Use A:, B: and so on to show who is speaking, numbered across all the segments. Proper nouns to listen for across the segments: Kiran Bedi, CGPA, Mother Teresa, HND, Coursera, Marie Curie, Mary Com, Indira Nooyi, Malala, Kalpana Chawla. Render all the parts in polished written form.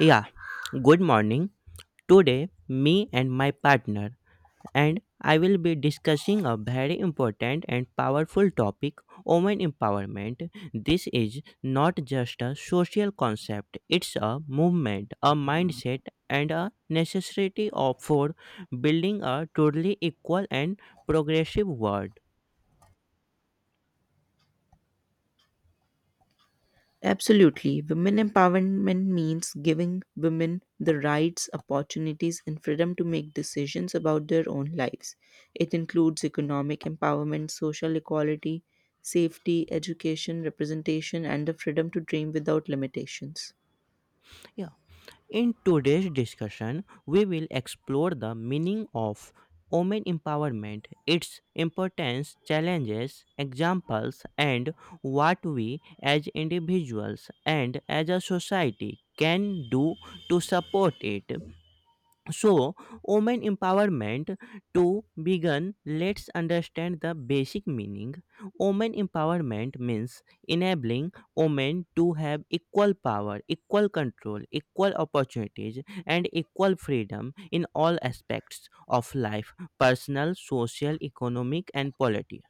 A: Yeah, good morning. Today, me and my partner and I will be discussing a very important and powerful topic women empowerment. This is not just a social concept, it's a movement, a mindset, and a necessity of, for building a truly equal and progressive world.
B: Absolutely. Women empowerment means giving women the rights, opportunities, and freedom to make decisions about their own lives. It includes economic empowerment, social equality, safety, education, representation, and the freedom to dream without limitations.
A: Yeah. In today's discussion, we will explore the meaning of women empowerment, its importance, challenges, examples, and what we as individuals and as a society can do to support it. So, women empowerment to begin, let's understand the basic meaning. Women empowerment means enabling women to have equal power, equal control, equal opportunities, and equal freedom in all aspects of life personal, social, economic, and political.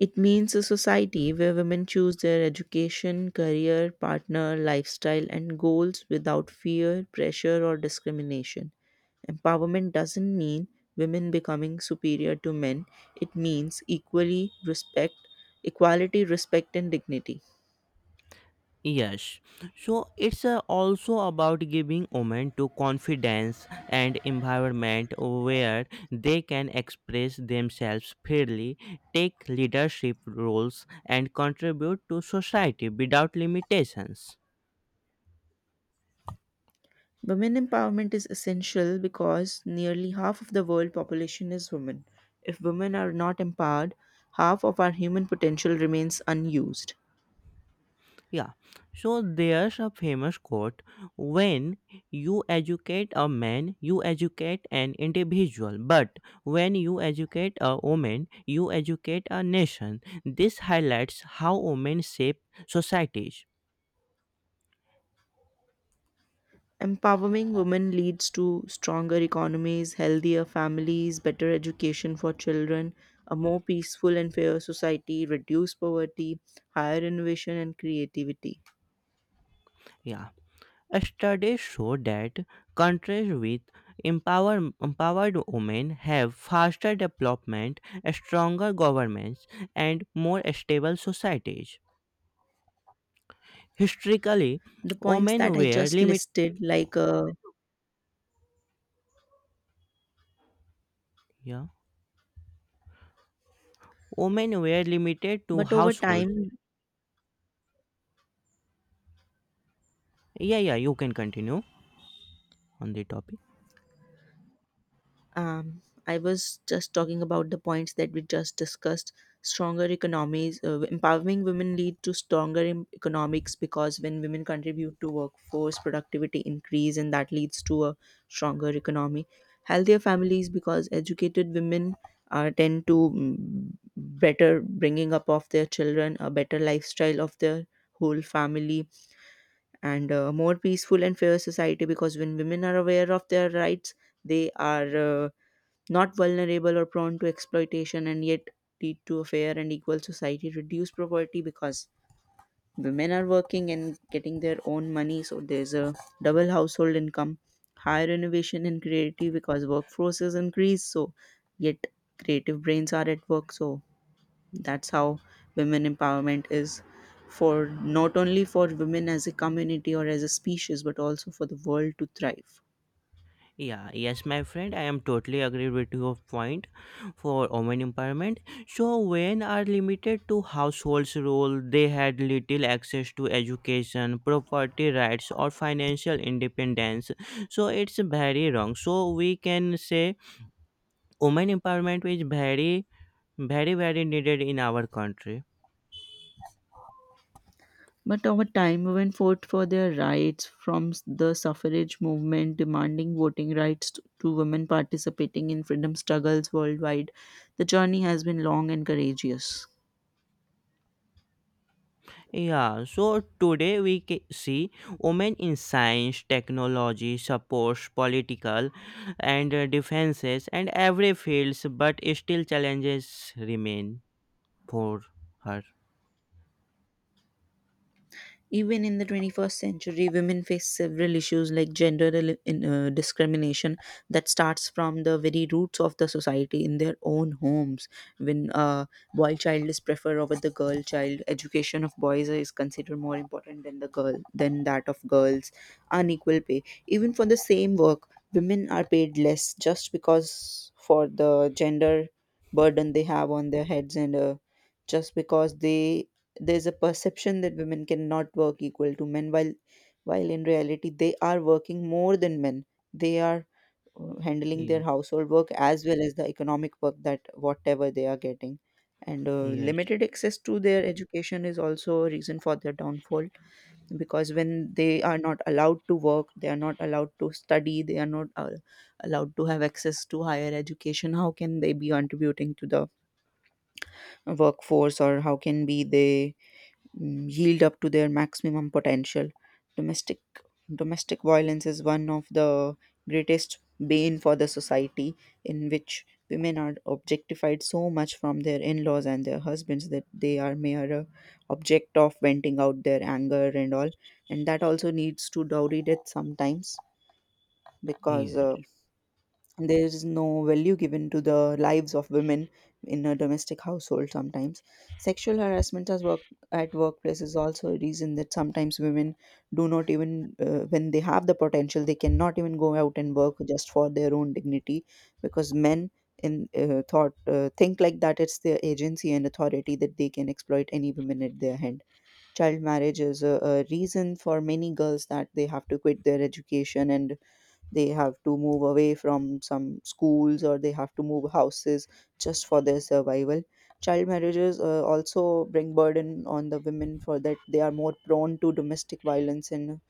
B: It means a society where women choose their education, career, partner, lifestyle, and goals without fear, pressure, or discrimination. Empowerment doesn't mean women becoming superior to men, it means equally respect, equality, respect, and dignity.
A: Yes, so it's also about giving women to confidence and environment where they can express themselves freely, take leadership roles, and contribute to society without limitations.
B: Women empowerment is essential because nearly half of the world population is women. If women are not empowered, half of our human potential remains unused.
A: Yeah, so there's a famous quote when you educate a man, you educate an individual, but when you educate a woman, you educate a nation. This highlights how women shape societies.
B: Empowering women leads to stronger economies, healthier families, better education for children, a more peaceful and fair society, reduced poverty, higher innovation and creativity.
A: Yeah, studies show that countries with empowered women have faster development, stronger governments, and more stable societies. Historically,
B: The points that
A: women
B: I
A: were
B: just
A: limited.
B: listed,
A: Yeah. Women were limited to
B: but over
A: households.
B: time,
A: Yeah, yeah, you can continue on the topic.
B: Um, I was just talking about the points that we just discussed. Stronger economies, empowering women lead to stronger economics because when women contribute to workforce, productivity increase, and that leads to a stronger economy. Healthier families because educated women tend to better bringing up of their children, a better lifestyle of their whole family, and a more peaceful and fair society because when women are aware of their rights, they are. Not vulnerable or prone to exploitation and yet lead to a fair and equal society reduce poverty because women are working and getting their own money, so there's a double household income, higher innovation and creativity because workforce is increased. So yet creative brains are at work, so that's how women empowerment is for not only for women as a community or as a species but also for the world to thrive.
A: Yeah, yes, my friend, I am totally agree with your point for women empowerment. So, when are limited to households' role, they had little access to education, property rights, or financial independence. So, it's very wrong. So, we can say women empowerment is very, very, very needed in our country.
B: But over time, women fought for their rights from the suffrage movement demanding voting rights to women participating in freedom struggles worldwide. The journey has been long and courageous.
A: Yeah, so today we see women in science, technology, sports, political, and defenses, and every fields, but still challenges remain for her.
B: Even in the 21st century, women face several issues like discrimination that starts from the very roots of the society in their own homes. When a boy child is preferred over the girl child, education of boys is considered more important than the girl than that of girls. Unequal pay, even for the same work, women are paid less just because for the gender burden they have on their heads, and just because they there's a perception that women cannot work equal to men, while in reality they are working more than men. They are handling
A: Yeah,
B: their household work as well as the economic work that whatever they are getting, and
A: yes,
B: limited access to their education is also a reason for their downfall because when they are not allowed to work, they are not allowed to study, they are not allowed to have access to higher education. How can they be contributing to the workforce, or how can be they yield up to their maximum potential? Domestic domestic violence is one of the greatest bane for the society, in which women are objectified so much from their in-laws and their husbands that they are mere object of venting out their anger and all, and that also leads to dowry death sometimes because
A: yes,
B: there is no value given to the lives of women in a domestic household sometimes. Sexual harassment as work at workplace is also a reason that sometimes women do not even when they have the potential they cannot even go out and work just for their own dignity, because men in thought think like that it's their agency and authority that they can exploit any women at their hand. Child marriage is a reason for many girls that they have to quit their education and they have to move away from some schools or they have to move houses just for their survival. Child marriages also bring burden on the women for that they are more prone to domestic violence and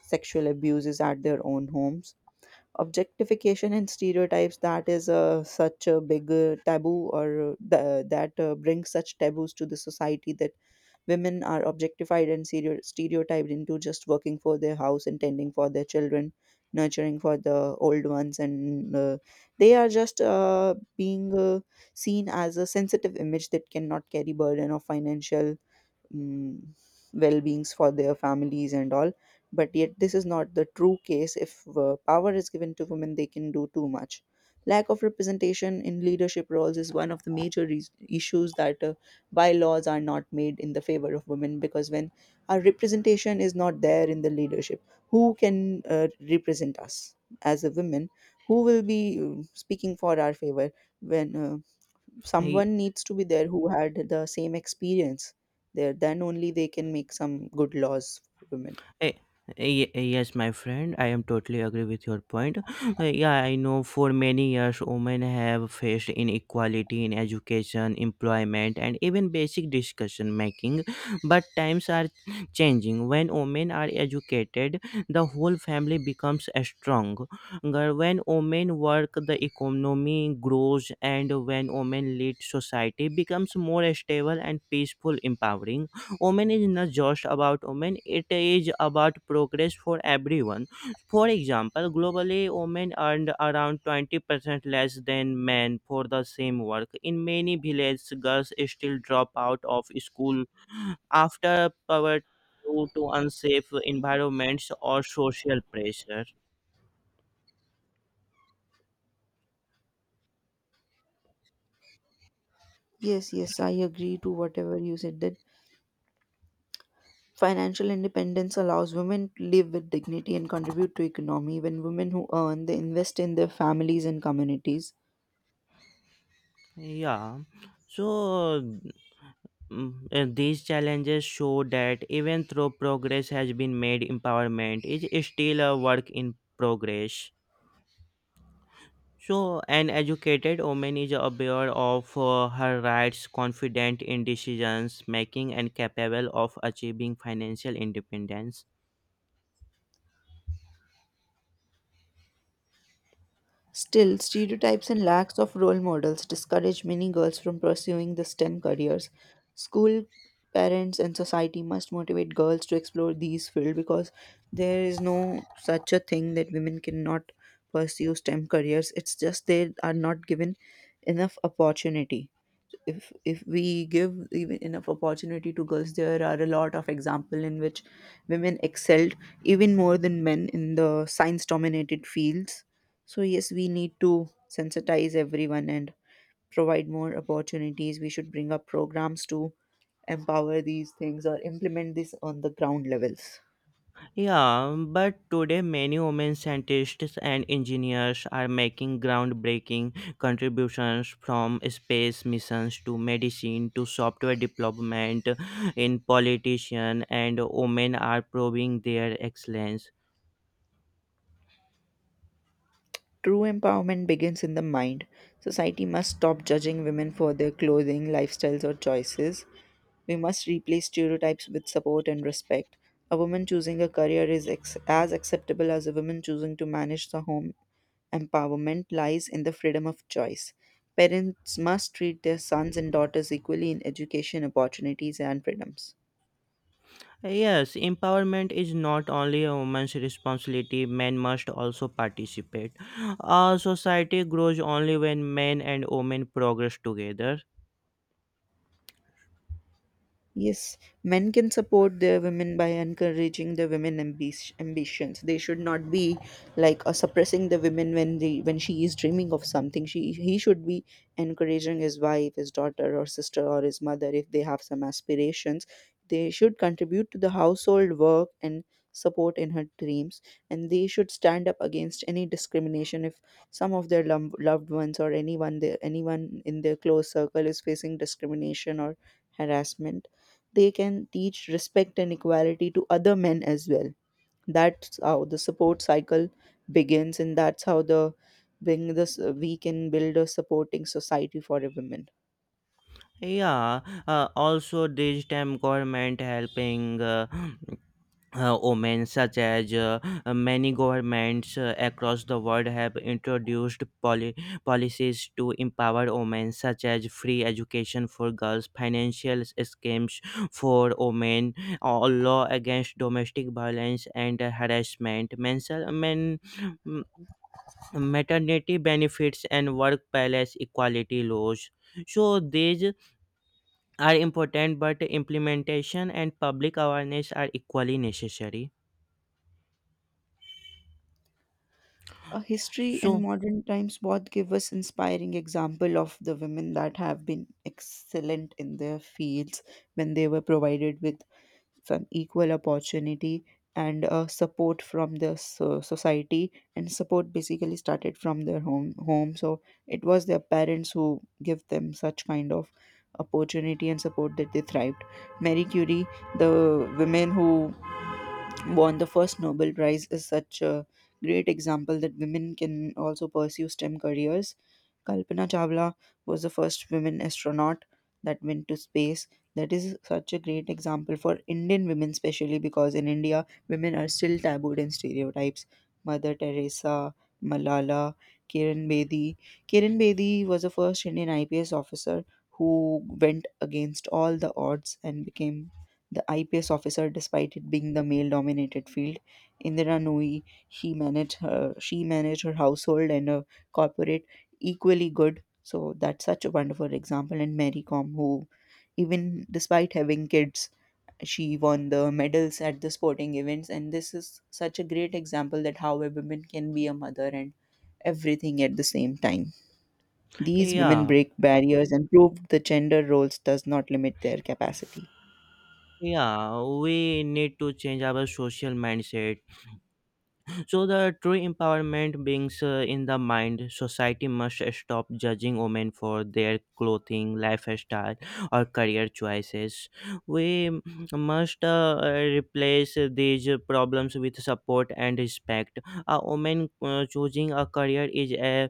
B: sexual abuses at their own homes. Objectification and stereotypes, that is such a big taboo that brings such taboos to the society that women are objectified and stereotyped into just working for their house and tending for their children, nurturing for the old ones, and they are just being seen as a sensitive image that cannot carry burden of financial mm, well-beings for their families and all, but yet this is not the true case. If power is given to women, they can do too much. Lack of representation in leadership roles is one of the major reas issues, that bylaws are not made in the favor of women, because when our representation is not there in the leadership, who can represent us as a women, who will be speaking for our favor, when
A: yeah.
B: someone needs to be there who had the same experience there, then only they can make some good laws for women.
A: Eh, Yes, my friend, I am totally agree with your point. Yeah, I know for many years women have faced inequality in education, employment, and even basic discussion making. But times are changing. When women are educated, the whole family becomes strong. When women work, the economy grows, and when women lead, society becomes more stable and peaceful. Empowering women is not just about women, it is about progress for everyone. For example, globally women earned around 20% less than men for the same work. In many villages girls still drop out of school after poverty due to unsafe environments or social pressure.
B: Yes, yes, I agree to whatever you said, that financial independence allows women to live with dignity and contribute to economy. When women who earn, they invest in their families and communities.
A: Yeah, so these challenges show that even though progress has been made, empowerment is still a work in progress. So, an educated woman is aware of her rights, confident in decisions making, and capable of achieving financial independence.
B: Still, stereotypes and lacks of role models discourage many girls from pursuing the STEM careers. School, parents, and society must motivate girls to explore these fields because there is no such a thing that women cannot pursue STEM careers. It's just they are not given enough opportunity. If we give even enough opportunity to girls, there are a lot of example in which women excelled even more than men in the science dominated fields. So yes, we need to sensitize everyone and provide more opportunities. We should bring up programs to empower these things or implement this on the ground levels.
A: Yeah, but today many women scientists and engineers are making groundbreaking contributions from space missions to medicine to software development in politician and women are proving their excellence.
B: True empowerment begins in the mind. Society must stop judging women for their clothing, lifestyles, or choices. We must replace stereotypes with support and respect. A woman choosing a career is as acceptable as a woman choosing to manage the home. Empowerment lies in the freedom of choice. Parents must treat their sons and daughters equally in education, opportunities, and freedoms.
A: Yes, empowerment is not only a woman's responsibility, men must also participate. Our society grows only when men and women progress together.
B: Yes, men can support their women by encouraging the women ambitions. They should not be like suppressing the women when they when she is dreaming of something. She he should be encouraging his wife, his daughter, or sister, or his mother if they have some aspirations. They should contribute to the household work and support in her dreams, and they should stand up against any discrimination if some of their loved ones or anyone anyone in their close circle is facing discrimination or harassment. They can teach respect and equality to other men as well. That's how the support cycle begins, and that's how the bring this we can build a supporting society for a women.
A: Yeah, also digital government helping women, such as many governments across the world have introduced policies to empower women, such as free education for girls, financial schemes for women, or law against domestic violence and harassment, mental men. m- Maternity benefits and workplace equality laws so these are important, but implementation and public awareness are equally necessary.
B: History and
A: So,
B: modern times both give us inspiring example of the women that have been excellent in their fields when they were provided with some equal opportunity and support from the society, and support basically started from their home, so it was their parents who give them such kind of opportunity and support that they thrived. Marie Curie, the women who won the first Nobel Prize, is such a great example that women can also pursue STEM careers. Kalpana Chawla was the first women astronaut that went to space. That is such a great example for Indian women, especially because in India, women are still tabooed in stereotypes. Mother Teresa, Malala, Kiran Bedi. Kiran Bedi was the first Indian IPS officer who went against all the odds and became the IPS officer despite it being the male dominated field. Indira Nooyi, he managed her, she managed her household and her corporate equally good. So that's such a wonderful example. And Mary Com, who even despite having kids, she won the medals at the sporting events, and this is such a great example that how a woman can be a mother and everything at the same time. These women
A: yeah,
B: break barriers and prove the gender roles does not limit their capacity.
A: yeah, we need to change our social mindset. So, the true empowerment beings in the mind. Society must stop judging women for their clothing, lifestyle, or career choices. We must replace these problems with support and respect. A woman choosing a career is a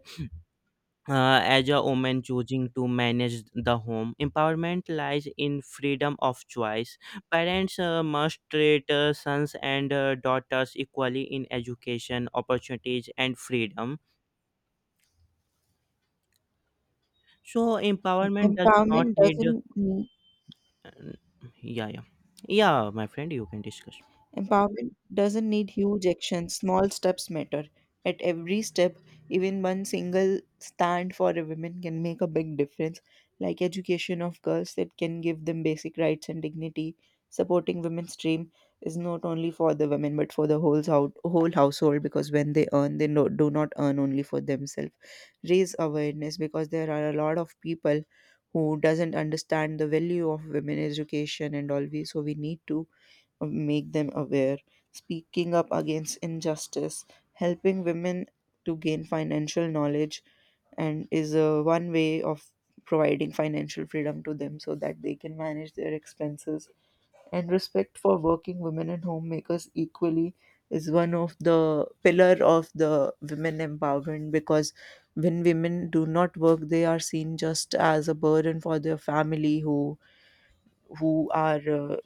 A: as a woman choosing to manage the home. Empowerment lies in freedom of choice. Parents must treat sons and daughters equally in education opportunities and freedom, so empowerment does not
B: Empowerment
A: need
B: doesn't need
A: uh, yeah, yeah, yeah, my friend, you can discuss.
B: Empowerment doesn't need huge actions, small steps matter. At every step, even one single stand for a woman can make a big difference, like education of girls that can give them basic rights and dignity. Supporting women's dream is not only for the women but for the whole whole household because when they earn, they no, do not earn only for themselves. Raise awareness because there are a lot of people who doesn't understand the value of women education and all, we so we need to make them aware, speaking up against injustice, helping women to gain financial knowledge, and is a one way of providing financial freedom to them so that they can manage their expenses. And respect for working women and homemakers equally is one of the pillar of the women empowerment, because when women do not work they are seen just as a burden for their family, who are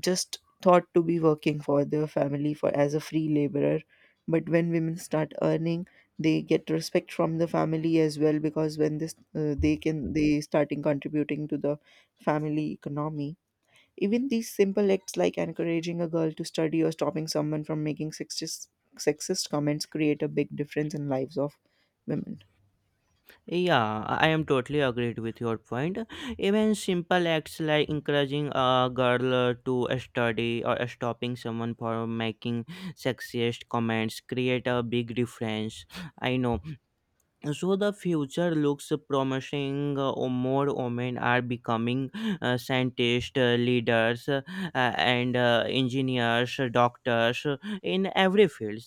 B: just thought to be working for their family for as a free laborer. But when women start earning, they get respect from the family as well, because when this they can they starting contributing to the family economy. Even these simple acts like encouraging a girl to study or stopping someone from making sexist comments create a big difference in lives of women.
A: Yeah, I am totally agreed with your point. Even simple acts like encouraging a girl to study or stopping someone for making sexist comments create a big difference. I know. So the future looks promising. Or more women are becoming scientists, leaders, and engineers, doctors in every field.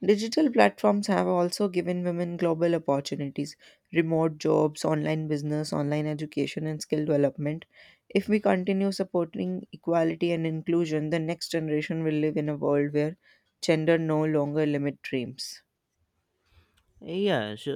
B: Digital platforms have also given women global opportunities, remote jobs, online business, online education, and skill development. If we continue supporting equality and inclusion, the next generation will live in a world where gender no longer limit dreams.
A: Yes,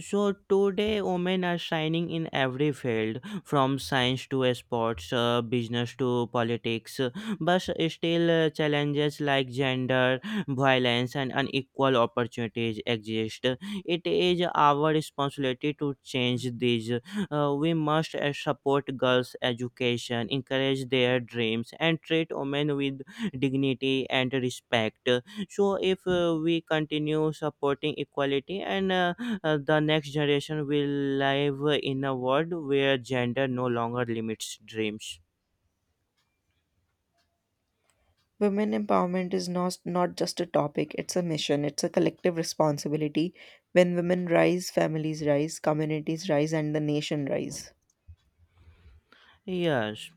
A: so today women are shining in every field from science to sports, business to politics, but still challenges like gender, violence, and unequal opportunities exist. It is our responsibility to change these. We must support girls' education, encourage their dreams, and treat women with dignity and respect. So if we continue supporting equality and the next generation will live in a world where gender no longer limits dreams.
B: Women empowerment is not just a topic, it's a mission, it's a collective responsibility. When women rise, families rise, communities rise, and the nation rise.
A: Yes,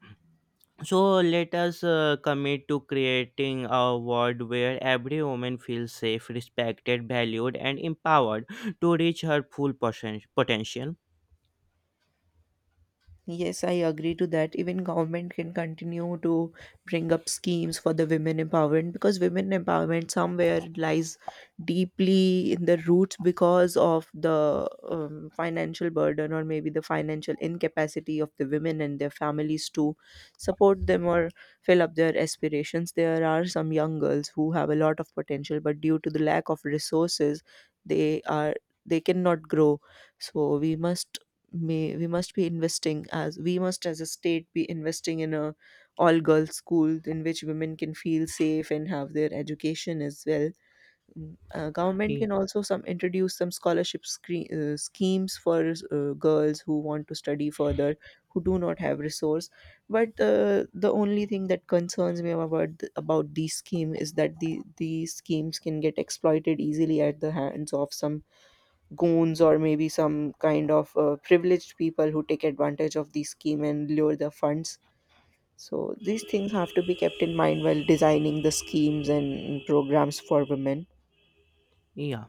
A: so let us commit to creating a world where every woman feels safe, respected, valued, and empowered to reach her potential.
B: Yes, I agree to that. Even government can continue to bring up schemes for the women empowerment, because women empowerment somewhere lies deeply in the roots because of the financial burden or maybe the financial incapacity of the women and their families to support them or fill up their aspirations. There are some young girls who have a lot of potential, but due to the lack of resources, they are they cannot grow. So we must may we must be investing, as we must as a state be investing in a all girls school in which women can feel safe and have their education as well. Government
A: Ye-
B: can also some introduce some scholarship schemes for girls who want to study further who do not have resource. But the only thing that concerns me about about these scheme is that these schemes can get exploited easily at the hands of some goons or maybe some kind of privileged people who take advantage of the scheme and lure the funds. So these things have to be kept in mind while designing the schemes and programs for women.
A: yeah,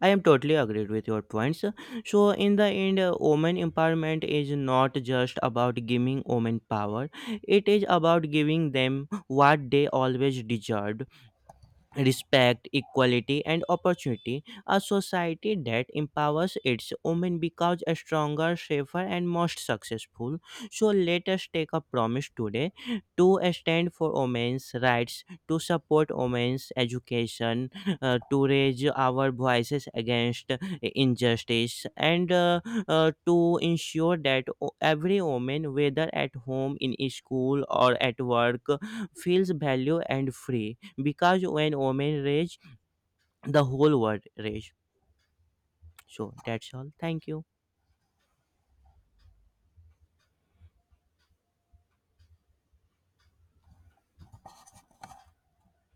A: I am totally agreed with your points. So, in the end, women empowerment is not just about giving women power, it is about giving them what they always deserved respect, equality, and opportunity. A society that empowers its women becomes a stronger, safer, and most successful. So let us take a promise today to stand for women's rights, to support women's education, to raise our voices against injustice, and to ensure that every woman, whether at home, in school, or at work, feels valued and free, because when women rage the whole world rage. So that's all, thank you.